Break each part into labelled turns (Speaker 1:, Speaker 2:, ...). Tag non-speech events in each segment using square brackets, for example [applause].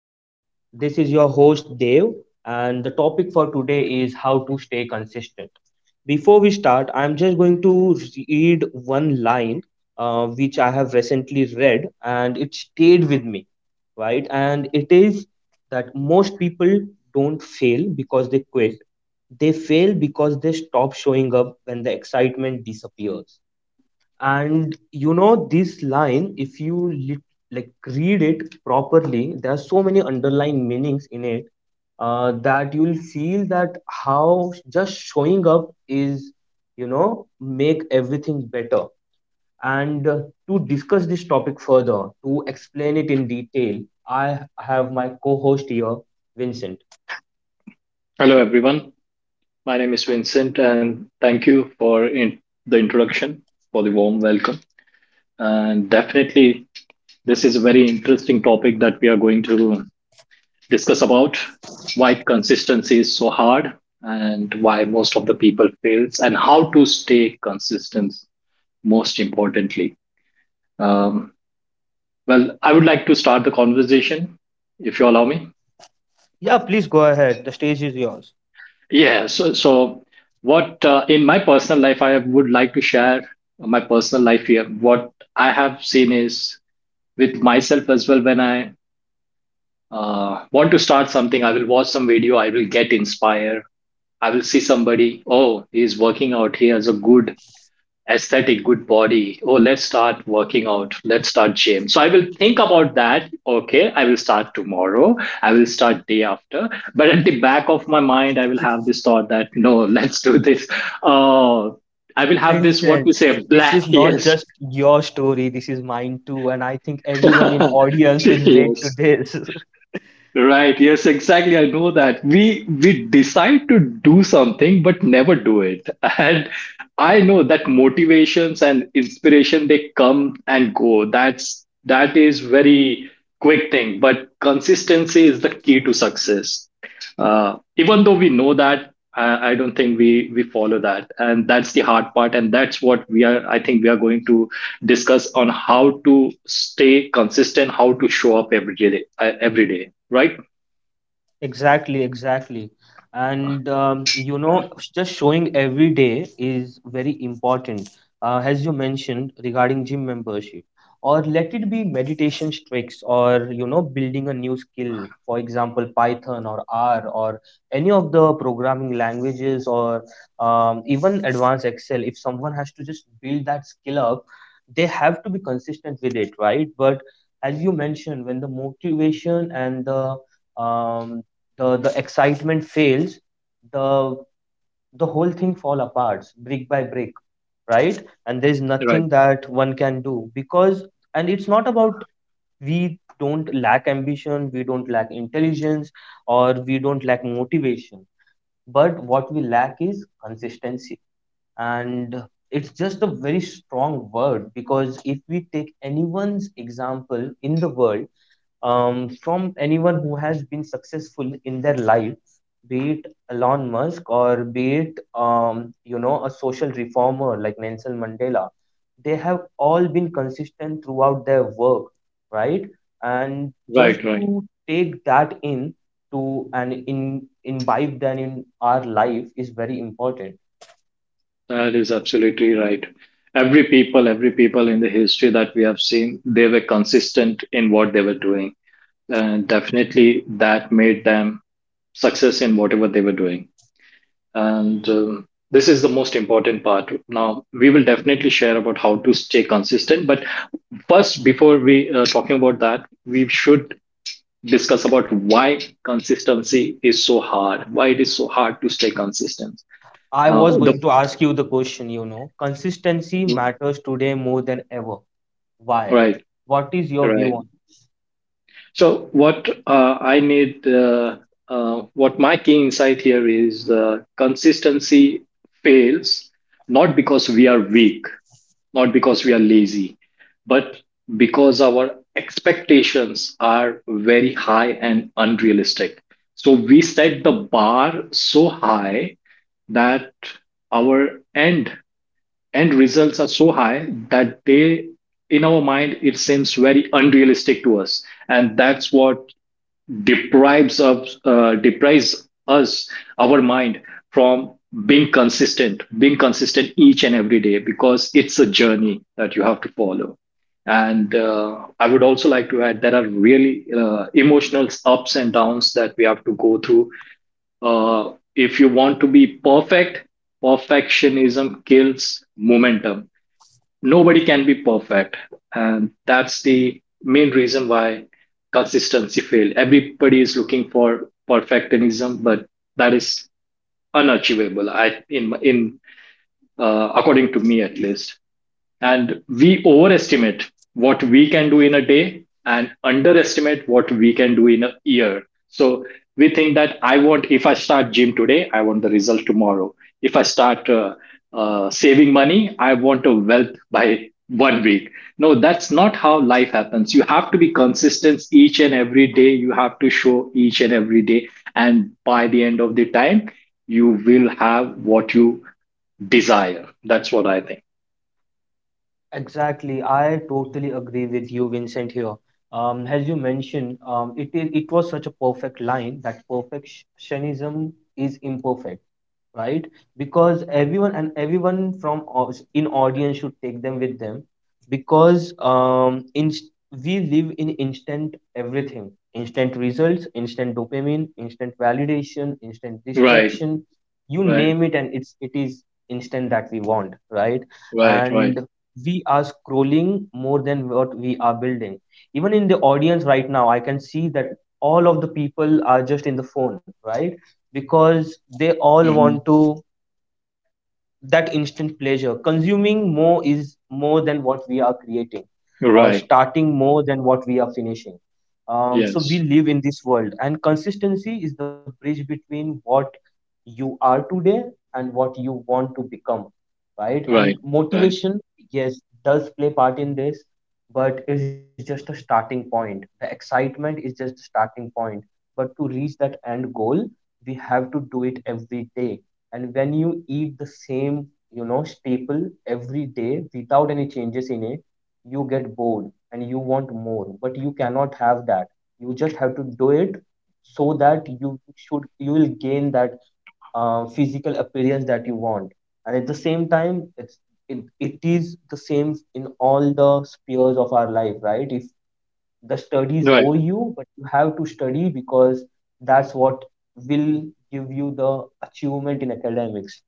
Speaker 1: M- This is your host, Dev, and the topic for today is how to stay consistent. Before we start, I'm just going to read one line which I have recently read and it stayed with me, right? And it is that most people don't fail because they quit, they fail because they stop showing up when the excitement disappears, and you know this line if you lit, like read it properly, there are so many underlying meanings in it that you will feel that how just showing up is, you know, make everything better. And to discuss this topic further, to explain it in detail, I have my co-host here, Vincent.
Speaker 2: Hello, everyone. My name is Vincent, and thank you for the introduction, for the warm welcome. And definitely, this is a very interesting topic that we are going to discuss about why consistency is so hard and why most of the people fails and how to stay consistent most importantly. um, well, I would like to start the conversation if you allow me.
Speaker 1: Yeah, please go ahead. The stage is yours.
Speaker 2: Yeah, so what in my personal life I would like to share my personal life here. What I have seen is with myself as well when I want to start something, I will watch some video, I will get inspired. I will see somebody, oh, he's working out, he has a good aesthetic, good body. Oh, let's start working out. Let's start gym. So I will think about that. Okay, I will start tomorrow. I will start day after. But at the back of my mind, I will have this thought that no, [laughs] let's do this. Uh, I will have this what
Speaker 1: Vincent,
Speaker 2: we say
Speaker 1: this
Speaker 2: black
Speaker 1: is
Speaker 2: [laughs]
Speaker 1: not
Speaker 2: yes,
Speaker 1: just your story, this is mine too, and I think everyone in
Speaker 2: [laughs]
Speaker 1: audience will relate to
Speaker 2: yes.
Speaker 1: this.
Speaker 2: Right. Yes, exactly. I know that. We decide to do something but never do it. [laughs] And I know that motivations and inspiration they come and go. That is very quick thing, but consistency is the key to success. Even though we know that, I don't think we follow that, and that's the hard part, and that's what we are. I think we are going to discuss on how to stay consistent, how to show up every day, right?
Speaker 1: Exactly, exactly. And you know, just showing every day is very important, as you mentioned regarding gym membership, or let it be meditation tricks, or, you know, building a new skill, for example, Python or R, or any of the programming languages, or even advanced Excel. If someone has to just build that skill up, they have to be consistent with it, right? But as you mentioned, when the motivation and um, the excitement fails, the the whole thing fall apart brick by brick, right? And there's
Speaker 2: Right,
Speaker 1: nothing that one can do because, and it's not about, we don't lack ambition, we don't lack intelligence, or we don't lack motivation, but what we lack is consistency. And it's just a very strong word, because if we take anyone's example in the world, from anyone who has been successful in their life, be it Elon Musk or be it you know, a social reformer like Nelson Mandela, they have all been consistent throughout their work, right? And just
Speaker 2: right, right.
Speaker 1: to take that in, to and in imbibe that in our life is very important.
Speaker 2: That is absolutely right. Every people in the history that we have seen, they were consistent in what they were doing, and definitely that made them success in whatever they were doing. And this is the most important part. Now we will definitely share about how to stay consistent, but first, before we talking about that, we should discuss about why consistency is so hard, why it is so hard to stay consistent.
Speaker 1: I
Speaker 2: Now,
Speaker 1: was
Speaker 2: the
Speaker 1: going to ask you the question, you know, consistency matters today more than ever. Why?
Speaker 2: Right,
Speaker 1: What is your view
Speaker 2: right.
Speaker 1: on?
Speaker 2: So, what I need, what my key insight here is consistency fails not because we are weak, not because we are lazy, but because our expectations are very high and unrealistic. So, we set the bar so high that our end results are so high that they in our mind it seems very unrealistic to us, and that's what deprives us our mind from being consistent each and every day, because it's a journey that you have to follow. And I would also like to add, there are really emotional ups and downs that we have to go through. If you want to be perfect, perfectionism kills momentum. Nobody can be perfect. And that's the main reason why consistency failed. Everybody is looking for perfectionism, but that is unachievable. I in According to me at least. And we overestimate what we can do in a day and underestimate what we can do in a year. So we think that, if I start gym today, I want the result tomorrow. If I start saving money, I want a wealth by one week. No, that's not how life happens. You have to be consistent each and every day. You have to show each and every day. And by the end of the time, you will have what you desire. That's what I think.
Speaker 1: Exactly. I totally agree with you, Vincent, here. As you mentioned, it is, it was such a perfect line that perfectionism is imperfect, right? Because everyone, and everyone from in audience should take them with them, because in, we live in instant everything, instant results, instant dopamine, instant validation, instant
Speaker 2: Right,
Speaker 1: distraction, you
Speaker 2: right.
Speaker 1: name it, and it is instant that we want, right?
Speaker 2: Right, right.
Speaker 1: And we are scrolling more than what we are building, even in the audience right now I can see that all of the people are just in the phone, right? Because they all
Speaker 2: Mhm.
Speaker 1: want to that instant pleasure, consuming more is more than what we are creating, or
Speaker 2: Right.
Speaker 1: starting more than what we are finishing. So
Speaker 2: Yes.
Speaker 1: we live in this world, and consistency is the bridge between what you are today and what you want to become, right? And
Speaker 2: Right. Right.
Speaker 1: motivation, yes, does play part in this, but it's just a starting point, the excitement is just a starting point, but to reach that end goal we have to do it every day. And when you eat the same, you know, staple every day without any changes in it, you get bored and you want more. But you cannot have that. You just have to do it so that you will gain that physical appearance that you want. And at the same time, it's it is the same in all the spheres of our life, right? If the studies
Speaker 2: Right.
Speaker 1: bore you, but you have to study, because that's what will give you the achievement in academics,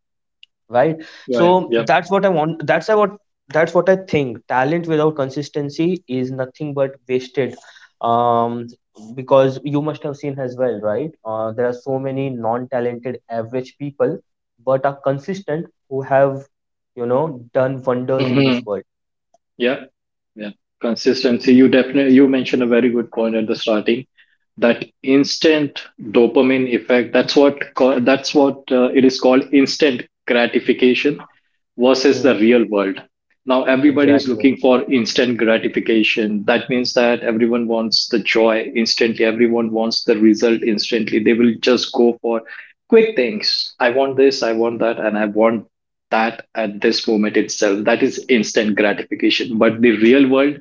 Speaker 1: right?
Speaker 2: Right.
Speaker 1: So
Speaker 2: Yep.
Speaker 1: that's what I want. That's what I think. Talent without consistency is nothing but wasted. Um, because you must have seen as well, right? There are so many non-talented average people, but are consistent who have, you know, done wonders in this
Speaker 2: Mhm.
Speaker 1: world.
Speaker 2: Yeah, yeah. Consistency. You mentioned a very good point at the starting. That instant dopamine effect. That's what it is called. Instant gratification versus
Speaker 1: Hmm,
Speaker 2: the real world. Now everybody is
Speaker 1: exactly.
Speaker 2: looking for instant gratification. That means that everyone wants the joy instantly. Everyone wants the result instantly. They will just go for quick things. I want this. I want that, and I want that at this moment itself. That is instant gratification, but the real world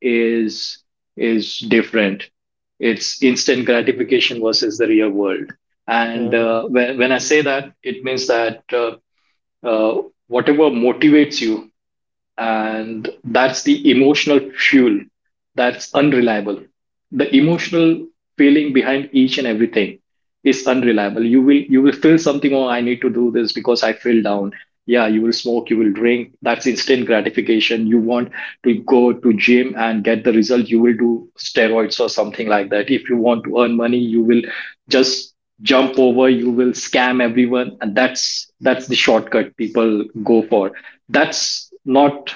Speaker 2: is is different. It's instant gratification versus the real world. And
Speaker 1: Hmm.
Speaker 2: when I say that, it means that uh, whatever motivates you, and that's the emotional fuel, that's unreliable. The emotional feeling behind each and everything is unreliable. You will feel something. Oh, I need to do this because I feel down. Yeah, you will smoke, you will drink. That's instant gratification. You want to go to gym and get the result, you will do steroids or something like that. If you want to earn money, you will just jump over, you will scam everyone, and that's the shortcut people go for. That's not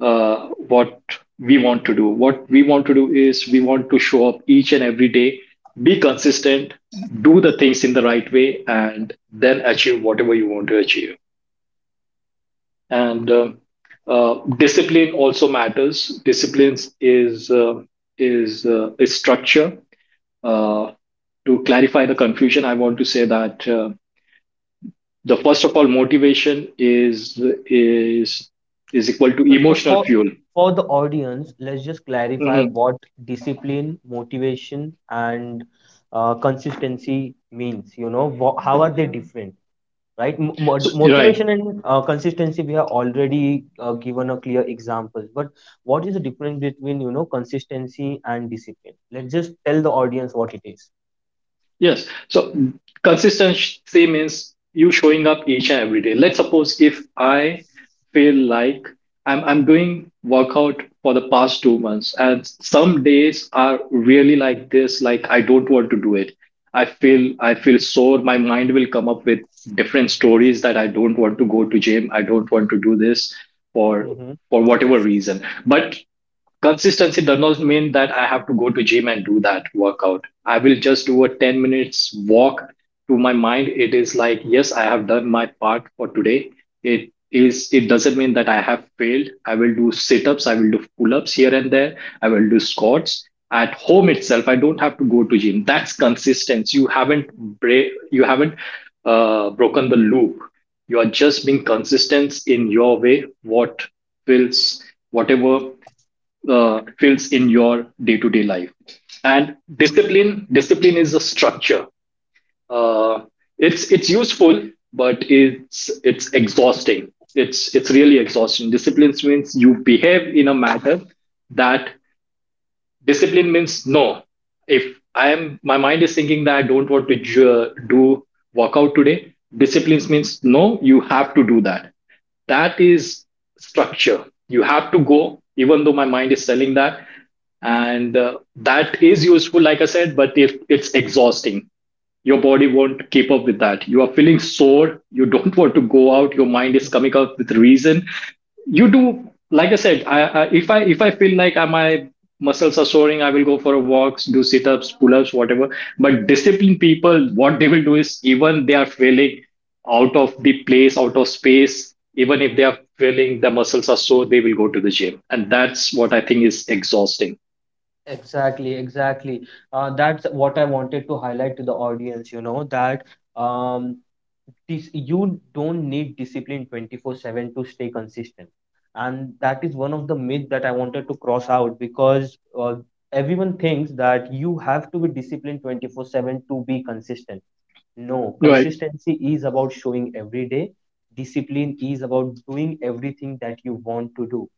Speaker 2: what we want to do. What we want to do is, we want to show up each and every day, be consistent, do the things in the right way, and then achieve whatever you want to achieve. And discipline also matters. Discipline is structure. Uh, to clarify the confusion, I want to say that, the first of all, motivation is is equal to
Speaker 1: So
Speaker 2: emotional
Speaker 1: for
Speaker 2: fuel.
Speaker 1: the audience, let's just clarify what discipline, motivation, and consistency means. You know, how are they different, right?
Speaker 2: Right.
Speaker 1: Motivation and consistency we have already given a clear example. But what is the difference between, you know, consistency and discipline? Let's just tell the audience what it is.
Speaker 2: Yes. So consistency means you showing up each and every day. Let's suppose if I feel like I'm doing workout for the past 2 months, and some days are really like this, like I don't want to do it. I feel sore. My mind will come up with different stories that I don't want to go to gym. I don't want to do this for
Speaker 1: Mhm.
Speaker 2: for whatever reason. But consistency does not mean that I have to go to gym and do that workout. I will just do a 10 minutes walk. To my mind, it is like, yes, I have done my part for today. It doesn't mean that I have failed. I will do sit ups, I will do pull ups here and there, I will do squats at home itself. I don't have to go to gym. That's consistency. You haven't bra- you haven't broken the loop. You are just being consistent in your way, feels whatever fills in your day-to-day life. And discipline is a structure. uh, it's useful, but it's exhausting. It's really exhausting. Discipline means you behave in a manner that. Discipline means no. If I am my mind is thinking that I don't want to do workout today, discipline means no, you have to do that. That is structure. You have to go even though my mind is selling that. And that is useful, like I said, but if it's exhausting, your body won't keep up with that. You are feeling sore, you don't [laughs] want to go out, your mind is coming up with reason. You do, like I said, I if I if I feel like, my muscles are soaring, I will go for a walks, do sit-ups, pull-ups, whatever. But disciplined people, what they will do is, even they are feeling out of the place, out of space, even if they are feeling the muscles are sore, they will go to the gym, and that's what I think is exhausting.
Speaker 1: Exactly, exactly. That's what I wanted to highlight to the audience, you know, that um, you don't need discipline 24/7 to stay consistent, and that is one of the myth that I wanted to cross out, because uh, everyone thinks that you have to be disciplined 24/7 to be consistent. No,
Speaker 2: Right.
Speaker 1: consistency is about showing every day, discipline is about doing everything that you want to do,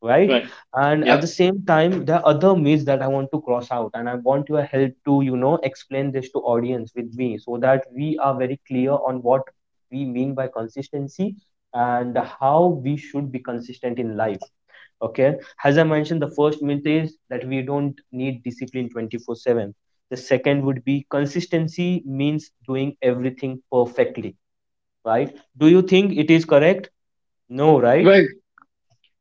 Speaker 1: right?
Speaker 2: Right,
Speaker 1: And at
Speaker 2: yeah.
Speaker 1: the same time, there are other myths that I want to cross out, and I want your help to, you know, explain this to audience with me, so that we are very clear on what we mean by consistency and how we should be consistent in life. Okay. As I mentioned, the first myth is that we don't need discipline 24/7. The second would be consistency means doing everything perfectly, right? Do you think it is correct? No, right?
Speaker 2: Right.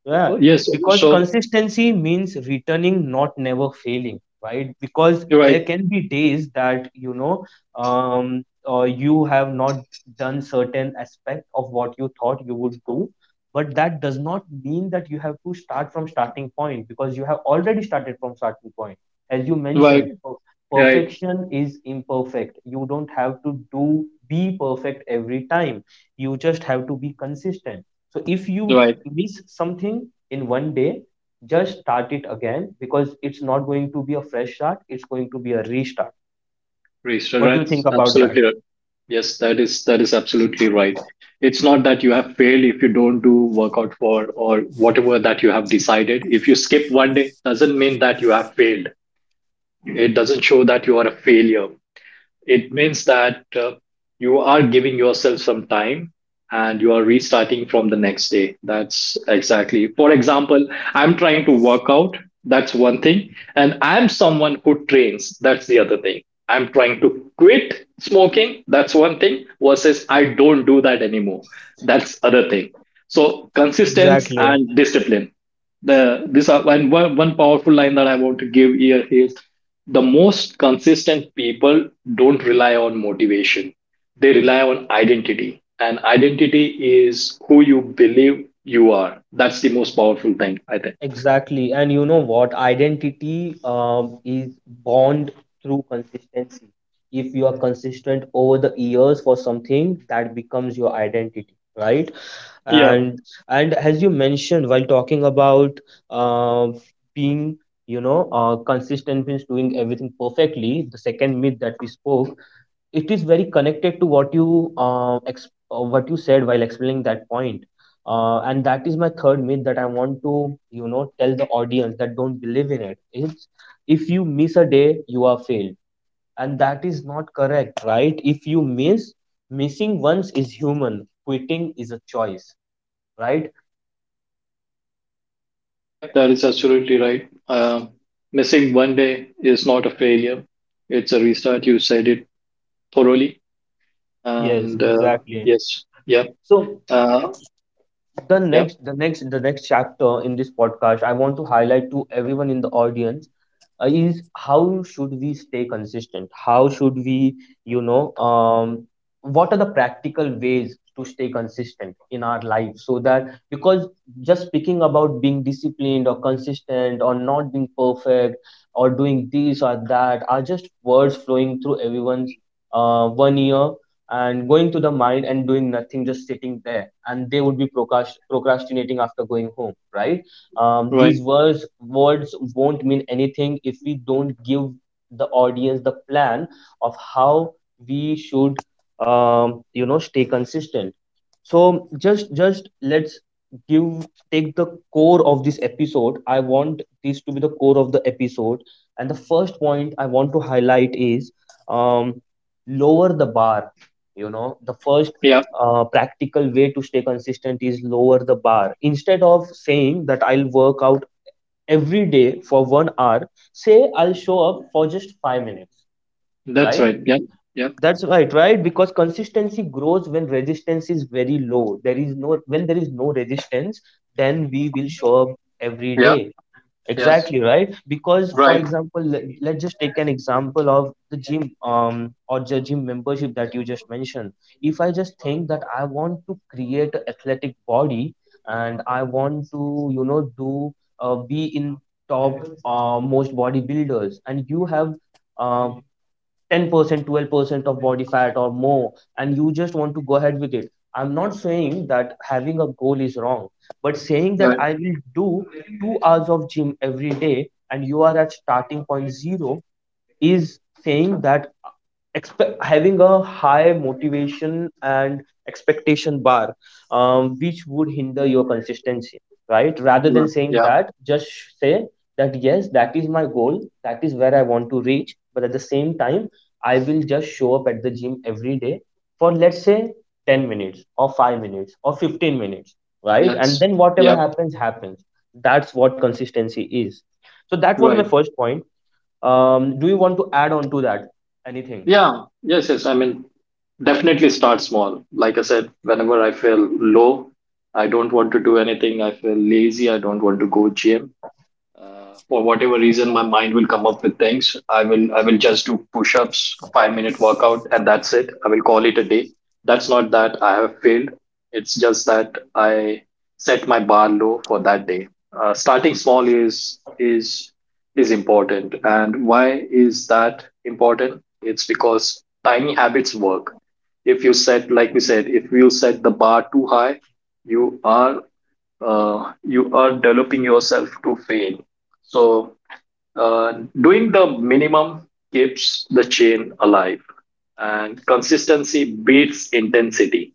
Speaker 1: Yeah,
Speaker 2: Yes,
Speaker 1: because
Speaker 2: so.
Speaker 1: consistency means returning, not never failing, right? Because
Speaker 2: Right.
Speaker 1: there can be days that, you know, um, you have not done certain aspect of what you thought you would do, but that does not mean that you have to start from starting point, because you have already started from starting point. As you
Speaker 2: Right.
Speaker 1: mentioned,
Speaker 2: Right.
Speaker 1: perfection is imperfect. You don't have to do be perfect every time. You just have to be consistent, so if you
Speaker 2: Right.
Speaker 1: miss something in one day, just start it again, because it's not going to be a fresh start, it's going to be a restart. What do you
Speaker 2: Right,
Speaker 1: think about that?
Speaker 2: absolutely right. Yes, that is absolutely right. It's not that you have failed if you don't do workout for or whatever that you have decided. If you skip one day, doesn't mean that you have failed. It doesn't show that you are a failure. It means that you are giving yourself some time and you are restarting from the next day. That's exactly. For example, I'm trying to work out, that's one thing, and I'm someone who trains, that's the other thing. I'm trying to quit smoking, that's one thing versus I don't do that anymore, that's other thing. So, consistency
Speaker 1: Exactly,
Speaker 2: and discipline, the this are and one powerful line that I want to give here is, the most consistent people don't rely on motivation, they rely on identity. And identity is who you believe you are. That's the most powerful thing, I think.
Speaker 1: exactly. And you know what? Identity is born through consistency. If you are consistent over the years for something, that becomes your identity, right?
Speaker 2: Yeah.
Speaker 1: and and as you mentioned, while talking about uh, being, you know, consistent means doing everything perfectly, the second myth that we spoke, it is very connected to what you what you said while explaining that point. And that is my third myth that I want to, you know, tell the audience that don't believe in it. It's if you miss a day you are failed, and that is not correct, right? If you miss missing once is human, quitting is a choice, right?
Speaker 2: Yep, that is absolutely right. Missing one day is not a failure, it's a restart. You said it thoroughly.
Speaker 1: Yes,
Speaker 2: And
Speaker 1: exactly.
Speaker 2: yes. Yeah.
Speaker 1: So
Speaker 2: uh, yeah.
Speaker 1: the next chapter in this podcast, I want to highlight to everyone in the audience is how should we stay consistent? How should we, you know, what are the practical ways to stay consistent in our life? So that because, just speaking about being disciplined or consistent or not being perfect or doing this or that are just words flowing through everyone's one ear and going to the mind and doing nothing, just sitting there, and they would be procrastinating after going home, right?
Speaker 2: Right.
Speaker 1: These words won't mean anything if we don't give the audience the plan of how we should, you know, stay consistent. So just let's give, take the core of this episode, I want this to be the core of the episode. And the first point I want to highlight is um, lower the bar. You know, the first
Speaker 2: Yeah,
Speaker 1: practical way to stay consistent is lower the bar. Instead of saying that I'll work out every day for 1 hour, say I'll show up for just 5 minutes,
Speaker 2: that's
Speaker 1: right?
Speaker 2: right. Yeah, yeah,
Speaker 1: That's right, right? Because consistency grows when resistance is very low. There is no, when there is no resistance, then we will show up every
Speaker 2: yeah.
Speaker 1: day.
Speaker 2: Yes.
Speaker 1: Exactly, right? Because, for
Speaker 2: Right,
Speaker 1: example, let's just take an example of the gym or the gym membership that you just mentioned. If I just think that I want to create an athletic body and I want to, do be in top most bodybuilders, and you have um, 10% 12% of body fat or more and you just want to go ahead with it. I'm not saying that having a goal is wrong, but saying that
Speaker 2: right,
Speaker 1: I will do 2 hours of gym every day and you are at starting point 0 is saying that having a high motivation and expectation bar, which would hinder your consistency, right? Rather than
Speaker 2: right.
Speaker 1: saying
Speaker 2: Yeah,
Speaker 1: that, just say that yes, that is my goal, that is where I want to reach, but at the same time I will just show up at the gym every day for, let's say, 10 minutes or 5 minutes or 15 minutes, right? And
Speaker 2: yes,
Speaker 1: then whatever
Speaker 2: yeah,
Speaker 1: happens happens. That's what consistency is. So that was my
Speaker 2: right.
Speaker 1: first point. Do you want to add on to that anything?
Speaker 2: Yeah, yes, yes. I mean, definitely start small. Like I said, whenever I feel low, I don't want to do anything. I feel lazy. I don't want to go gym for whatever reason my mind will come up with things. I will just do push-ups, 5 minute workout, and that's it. I will call it a day. That's not that I have failed. It's just that I set my bar low for that day. Starting small is is important. And why is that important? It's because tiny habits work. If you set, like we said, if you set the bar too high, you are you are developing yourself to fail. So, doing the minimum keeps the chain alive, and consistency beats intensity.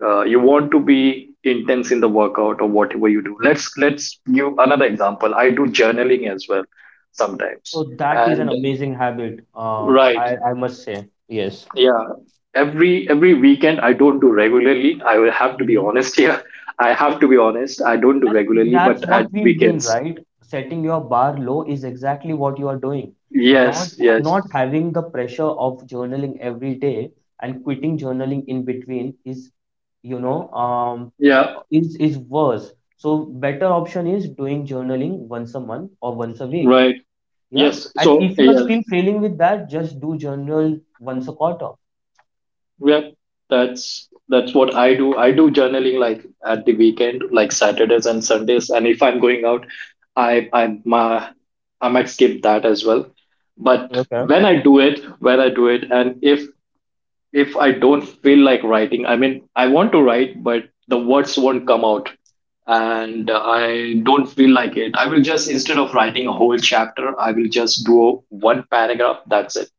Speaker 2: You want to be intense in the workout or whatever you do. Let's give another example. I do journaling as well sometimes,
Speaker 1: Oh, that is an
Speaker 2: and
Speaker 1: amazing habit. Um,
Speaker 2: right,
Speaker 1: I, I must say, yes.
Speaker 2: yeah. Every weekend I don't do regularly. I will have to be
Speaker 1: Mhm.
Speaker 2: honest here. [laughs] I have to be honest. I don't do
Speaker 1: And
Speaker 2: regularly, but
Speaker 1: that's
Speaker 2: at
Speaker 1: what we mean,
Speaker 2: weekends,
Speaker 1: right? Setting your bar low is exactly what you are doing. Not
Speaker 2: yes, yes.
Speaker 1: not having the pressure of journaling every day and quitting journaling in between is, you know, um,
Speaker 2: Yeah,
Speaker 1: is worse. So better option is doing journaling once a month or once a week.
Speaker 2: right.
Speaker 1: Yeah.
Speaker 2: Yes.
Speaker 1: And
Speaker 2: So
Speaker 1: if you are
Speaker 2: yeah,
Speaker 1: still failing with that, just do journal once a quarter.
Speaker 2: yeah, that's what I do. I do journaling like at the weekend, like Saturdays and Sundays. And if I'm going out, I I my I might skip that as well. But
Speaker 1: Okay.
Speaker 2: when I do it, when I do it, and if I don't feel like writing, I mean, I want to write, but the words won't come out and I don't feel like it. I will just, instead of writing a whole chapter, I will just do one paragraph. That's it.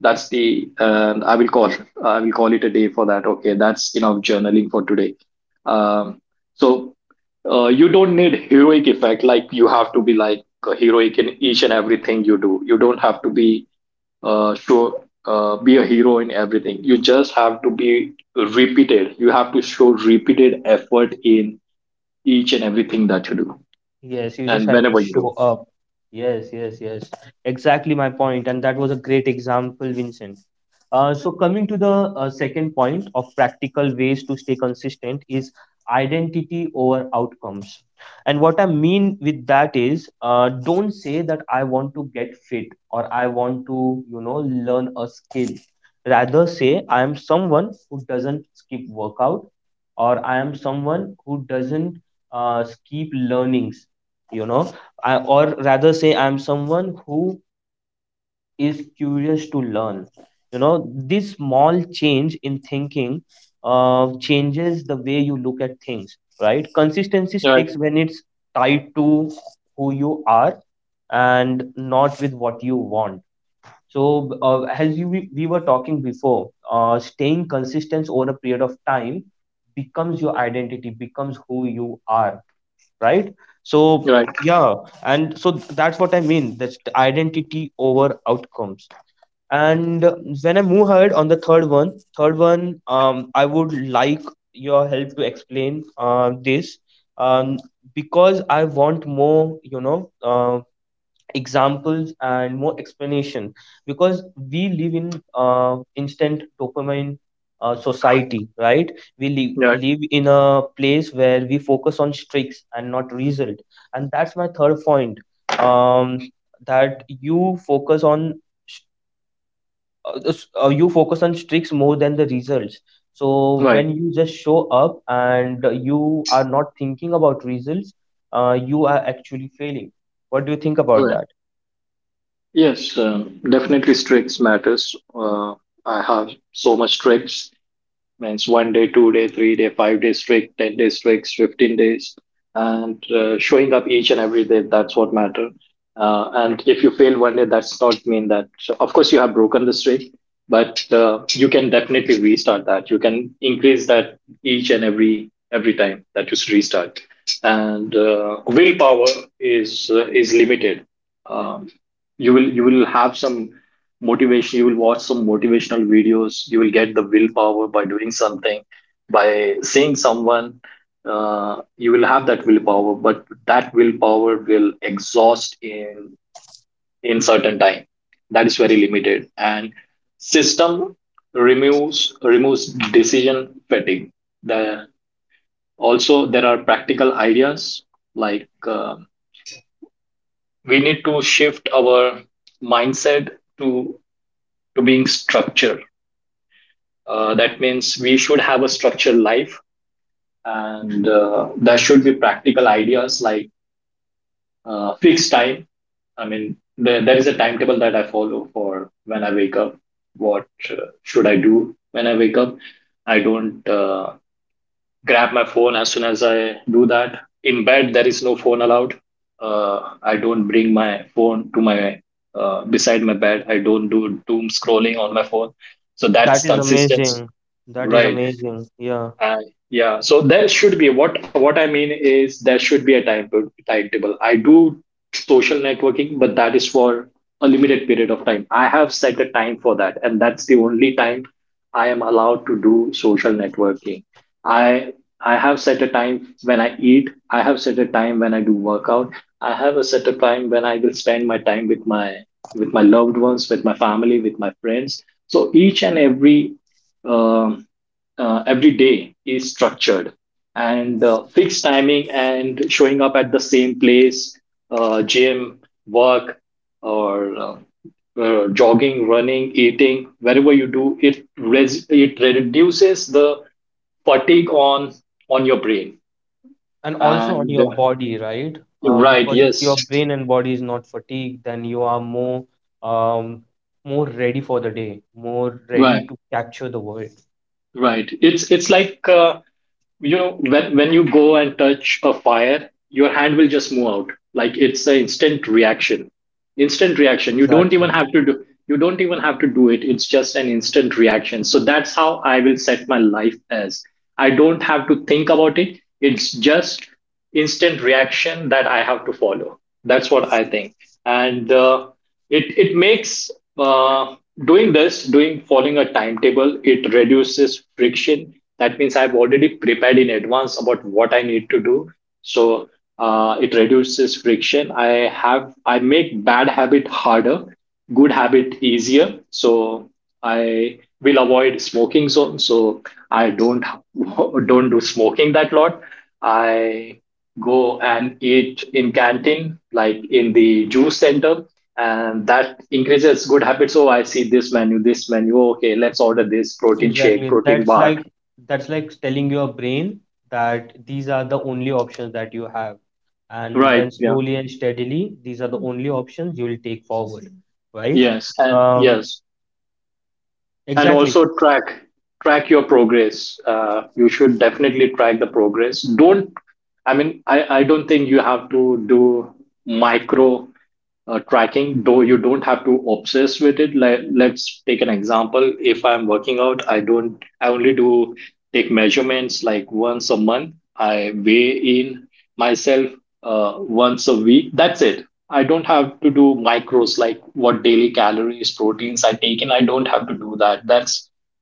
Speaker 2: That's the, I will call it a day for that. Okay. That's enough journaling for today. Um, so you don't need heroic effect. Like, you have to be like heroic in each and everything you do. You don't have to be show be a hero in everything. You just have to be repeated. You have to show repeated effort in each and everything that you do.
Speaker 1: Yes, you just
Speaker 2: And
Speaker 1: have to
Speaker 2: whenever you
Speaker 1: show
Speaker 2: do,
Speaker 1: up. Yes, yes, yes. Exactly my point, and that was a great example, Vincent. So coming to the second point of practical ways to stay consistent is identity over outcomes. And what I mean with that is, don't say that I want to get fit or I want to, learn a skill. Rather say I am someone who doesn't skip workout, or I am someone who doesn't keep learning, you know. I, or rather say I'm someone who is curious to learn. You know, this small change in thinking, changes the way you look at things, right? Consistency
Speaker 2: right,
Speaker 1: sticks when it's tied to who you are and not with what you want. So as you, we were talking before, staying consistent over a period of time becomes your identity, becomes who you are, right? So
Speaker 2: right,
Speaker 1: yeah, and so that's what I mean. That's the identity over outcomes. And When I move ahead on the third one, I would like your help to explain this, um, because I want more, you know, examples and more explanation, because we live in instant dopamine, society, right? We
Speaker 2: right,
Speaker 1: live in a place where we focus on streaks and not result, and that's my third point. Um, that you focus on sh- you focus on streaks more than the results. So
Speaker 2: right,
Speaker 1: when you just show up and you are not thinking about results, you are actually failing. What do you think about
Speaker 2: right,
Speaker 1: that?
Speaker 2: yes. Definitely tricks matters. I have so much tricks. Means 1 day, 2 day, 3 day, 5 day streak, 10 day streaks, 15 days, and showing up each and every day. That's what matter. And if you fail one day, that's not mean that. So of course, you have broken the streak, but you can definitely restart that. You can increase that each and every time that you restart. And willpower is limited. Um, you will have some motivation. You will watch some motivational videos. You will get the willpower by doing something, by seeing someone. You will have that willpower, but that willpower will exhaust in certain time. That is very limited. And system removes decision fatigue. The, also there are practical ideas, like we need to shift our mindset to to being structured. That means we should have a structured life, and there should be practical ideas like fixed time. I mean, there is a timetable that I follow for when I wake up. What should I do when I wake up? I don't grab my phone as soon as I do that. In bed, there is no phone allowed. I don't bring my phone to my beside my bed. I don't do doom scrolling on my phone. So
Speaker 1: That
Speaker 2: that's
Speaker 1: is
Speaker 2: consistency,
Speaker 1: amazing. That is
Speaker 2: right?
Speaker 1: amazing. Yeah.
Speaker 2: Uh, yeah, so there should be, what I mean is there should be a time timetable. I do social networking, but that is for a limited period of time. I have set a time for that, and that's the only time I am allowed to do social networking. I I have set a time when I eat. I have set a time when I do workout. I have a set a time when I will spend my time with my loved ones, with my family, with my friends. So each and um, every day is structured, and fixed timing and showing up at the same place, gym, work, or jogging, running, eating, wherever you do it, it reduces the fatigue on your brain.
Speaker 1: And also on
Speaker 2: And
Speaker 1: your body, right?
Speaker 2: right,
Speaker 1: Because
Speaker 2: yes,
Speaker 1: if your brain and body is not fatigued, then you are more, um, more ready for the day, more ready
Speaker 2: right,
Speaker 1: to capture the world.
Speaker 2: right. It's like, you know, when you go and touch a fire, your hand will just move out. Like, it's an instant reaction, instant reaction. You don't even
Speaker 1: Exactly.
Speaker 2: have to do, you don't even have to do it. It's just an instant reaction. So that's how I will set my life as. I don't have to think about it. It's just instant reaction that I have to follow. That's what I think. And it it makes uh, doing this, doing, following a timetable, it reduces friction. That means I've already prepared in advance about what I need to do. So it reduces friction. I make bad habit harder, good habit easier. So I will avoid smoking zone. So I don't [laughs] don't do smoking that lot. I go and eat in canteen, like in the juice center, and that increases good habits. So I see this menu, this menu, okay, let's order this protein shake,
Speaker 1: Exactly.
Speaker 2: protein bar.
Speaker 1: That's like telling your brain that these are the only options that you have. And
Speaker 2: Right,
Speaker 1: then
Speaker 2: yeah,
Speaker 1: slowly and steadily, these are the only options you will take forward, right?
Speaker 2: yes and
Speaker 1: Um,
Speaker 2: yes. And
Speaker 1: exactly.
Speaker 2: also track, track your progress. You should definitely track the progress. Don't, I mean, I don't think you have to do micro tracking, though. You don't have to obsess with it. Like, let's take an example. If I'm working out, I don't I only do take measurements like once a month. I weigh in myself once a week. That's it. I don't have to do macros, like what daily calories, proteins I take in. I don't have to do that.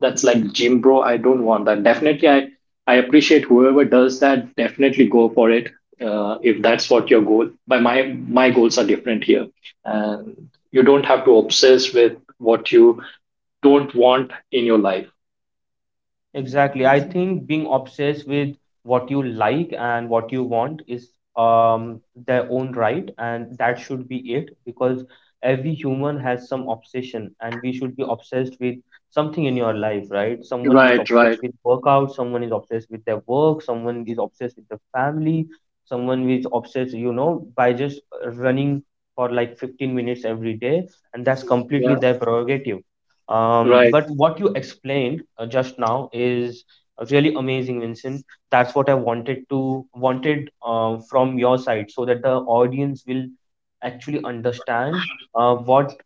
Speaker 2: That's like gym bro. I don't want that. Definitely, I appreciate whoever does that. Definitely go for it, if that's what your goal. But my goals are different here, and you don't have to obsess with what you don't want in your life.
Speaker 1: Exactly. I think being obsessed with what you like and what you want is, um, their own right, and that should be it, because every human has some obsession and we should be obsessed with something in your life, right? Someone is
Speaker 2: Right,
Speaker 1: obsessed
Speaker 2: right.
Speaker 1: with workout, someone is obsessed with their work, someone is obsessed with the family, someone is obsessed, you know, by just running for like 15 minutes every day, and that's completely
Speaker 2: Yeah,
Speaker 1: their prerogative.
Speaker 2: right.
Speaker 1: But what you explained just now is really amazing, Vincent. That's what I wanted from your side, so that the audience will actually understand what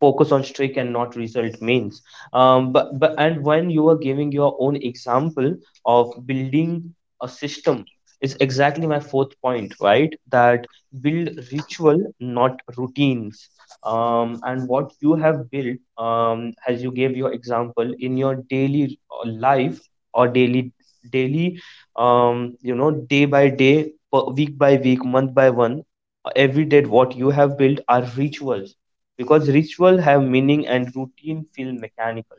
Speaker 1: focus on streak and not result means. But and when you are giving your own example of building a system is exactly my fourth point, right? That build ritual not routines. Um, and what you have built, as you gave your example in your daily life, or daily you know, day by day, week by week, month by month, every day, what you have built are rituals, because ritual have meaning and routine feel mechanical,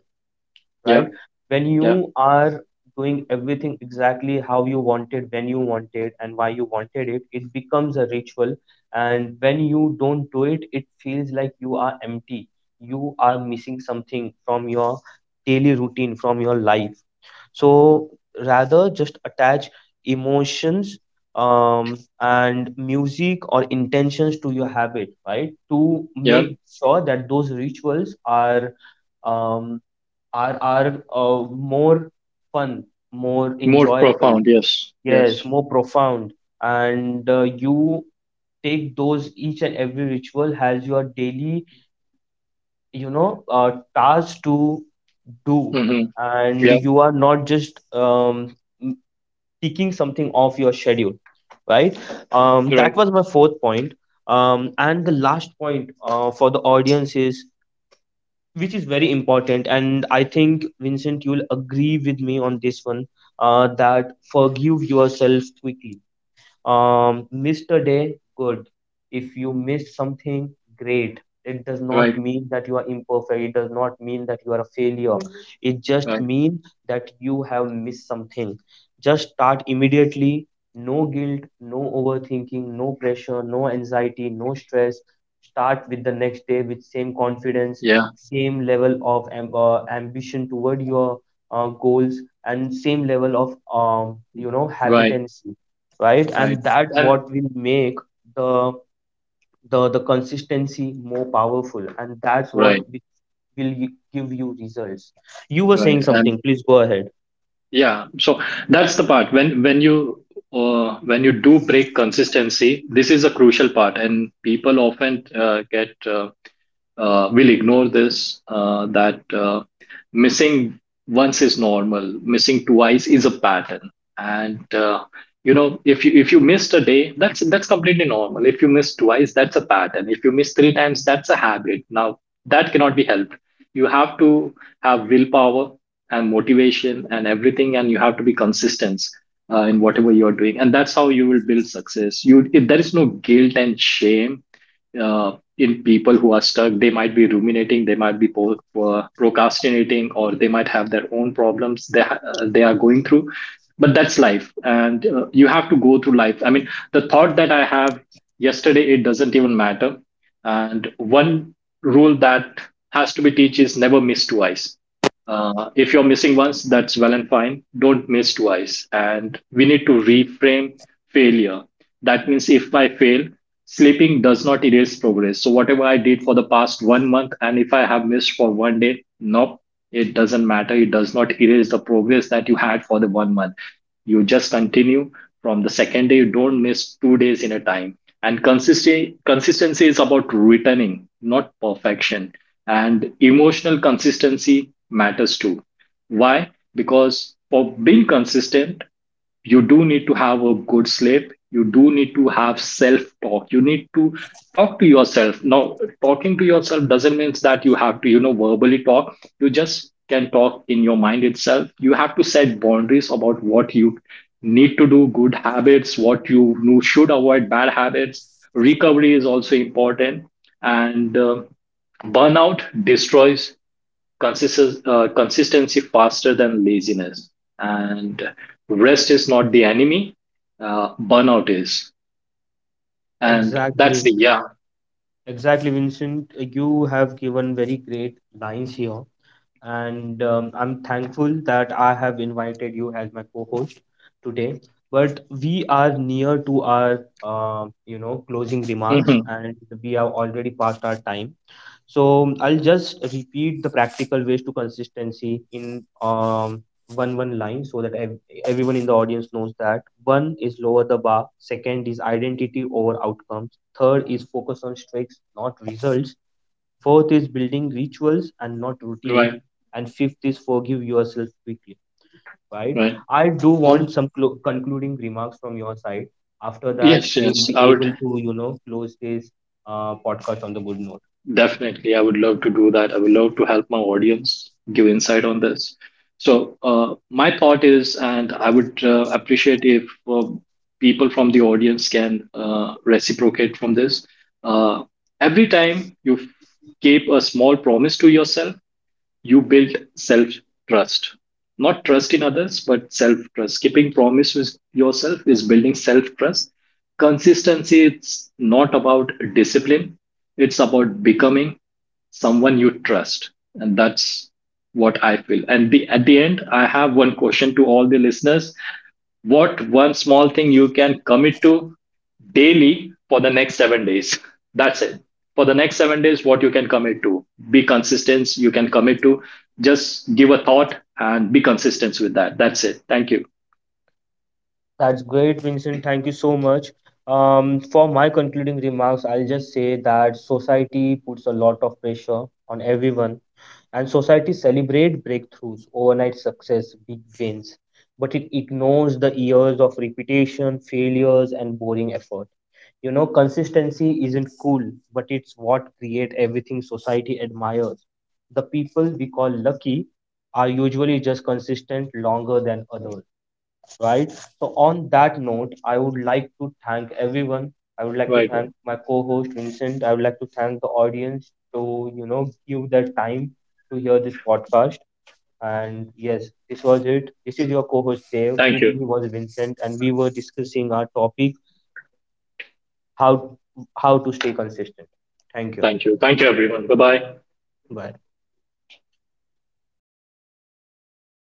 Speaker 1: right?
Speaker 2: Yeah,
Speaker 1: When
Speaker 2: yeah,
Speaker 1: you are doing everything exactly how you wanted, when you wanted, and why you wanted it, it becomes a ritual. And when you don't do it, it feels like you are empty. You are missing something from your daily routine, from your life. So rather just attach emotions, and music or intentions to your habit, right? To
Speaker 2: yeah.
Speaker 1: make sure that those rituals are, um, are more fun, more
Speaker 2: More
Speaker 1: enjoyable,
Speaker 2: profound. Yes,
Speaker 1: yes,
Speaker 2: yes.
Speaker 1: more profound, and you take those, each and every ritual has your daily, you know, task to do,
Speaker 2: Mm-hmm.
Speaker 1: and
Speaker 2: Yeah,
Speaker 1: you are not just m- ticking something off your schedule, right?
Speaker 2: right,
Speaker 1: That was my fourth point. And the last point for the audience is, which is very important, and I think Vincent, you'll agree with me on this one, that forgive yourself quickly. Um, missed a day, good. If you missed something, great. It does not
Speaker 2: right,
Speaker 1: mean that you are imperfect. It does not mean that you are a failure. Mhm. It just
Speaker 2: right.
Speaker 1: means that you have missed something. Just start immediately. No guilt, no overthinking, no pressure, no anxiety, no stress. Start with the next day with same confidence,
Speaker 2: Yeah,
Speaker 1: same level of ambition toward your goals, and same level of, um, you know,
Speaker 2: right,
Speaker 1: habitancy, right?
Speaker 2: right.
Speaker 1: And that
Speaker 2: And
Speaker 1: what will make the the consistency more powerful, and that's what
Speaker 2: right,
Speaker 1: will give you results. You were saying
Speaker 2: right. And
Speaker 1: something. Please go ahead.
Speaker 2: yeah, so that's the part when you do break consistency, this is a crucial part, and people often get will ignore this that missing once is normal, missing twice is a pattern. And you know, if you missed a day, that's completely normal. If you miss twice, that's a pattern. If you miss three times, that's a habit now. That cannot be helped. You have to have willpower and motivation and everything, and you have to be consistent in whatever you're doing. And that's how you will build success. You If there is no guilt and shame in people who are stuck. They might be ruminating, they might be procrastinating, or they might have their own problems they, they are going through. But that's life, and you have to go through life. I mean, the thought that I have yesterday, it doesn't even matter. And one rule that has to be teach is never miss twice. If you're missing once, that's well and fine. Don't miss twice. And we need to reframe failure. That means if I fail, sleeping does not erase progress. So, whatever I did for the past 1 month, and if I have missed for 1 day, nope, it doesn't matter. It does not erase the progress that you had for the 1 month. You just continue from the second day. You don't miss 2 days in a time. And consistency is about returning, not perfection. And emotional consistency matters too. Why? Because for being consistent, you do need to have a good sleep. You do need to have self talk. You need to talk to yourself. Now talking to yourself doesn't mean that you have to, you know, verbally talk. You just can talk in your mind itself. You have to set boundaries about what you need to do. Good habits, what, you know, should avoid bad habits. Recovery is also important. And burnout destroys consistency faster than laziness. And rest is not the enemy, burnout is. And that's
Speaker 1: Exactly,
Speaker 2: the, yeah.
Speaker 1: exactly, Vincent. You have given very great lines here, and I'm thankful that I have invited you as my co-host today. But we are near to our, you know, closing remarks,
Speaker 2: Hmm.
Speaker 1: and we have already passed our time. So I'll just repeat the practical ways to consistency in, one line so that everyone in the audience knows that one is lower the bar, second is identity over outcomes, third is focus on streaks, not results, fourth is building rituals and not routines,
Speaker 2: Right,
Speaker 1: and fifth is forgive yourself quickly. Right?
Speaker 2: right.
Speaker 1: I do
Speaker 2: And
Speaker 1: want some concluding remarks from your side. After that,
Speaker 2: yes,
Speaker 1: we will
Speaker 2: yes,
Speaker 1: be
Speaker 2: I would.
Speaker 1: able to, you know, close this podcast on the good note.
Speaker 2: Definitely, I would love to do that. I would love to help my audience give insight on this. So, my thought is, and I would appreciate if people from the audience can reciprocate from this. Uh, every time you keep a small promise to yourself, you built self trust. Not trust in others, but self trust. Keeping promise with yourself is building self trust. Consistency, it's not about discipline. It's about becoming someone you trust. And that's what I feel. And the, at the end, I have one question to all the listeners. What one small thing you can commit to daily for the next 7 days? That's it. For the next 7 days, what you can commit to. Be consistent. You can commit to. Just give a thought and be consistent with that. That's it. Thank you.
Speaker 1: That's great, Vincent. Thank you so much. For my concluding remarks, I'll just say that society puts a lot of pressure on everyone, and society celebrate breakthroughs, overnight success, big wins, but it ignores the years of repetition, failures, and boring effort. You know, consistency isn't cool, but it's what create everything society admires. The people we call lucky are usually just consistent longer than others, right? So on that note, I would like to thank everyone. I would like to
Speaker 2: Right.
Speaker 1: thank
Speaker 2: Right.
Speaker 1: my co-host Vincent. I would like to thank the audience to, you know, give their time to hear this podcast. And yes, this was it. This is your co-host Dave.
Speaker 2: Thank
Speaker 1: With
Speaker 2: you.
Speaker 1: me was Vincent, and we were discussing our topic how to stay consistent. Thank you.
Speaker 2: Thank you. Thank you, everyone. Bye bye.
Speaker 1: Bye.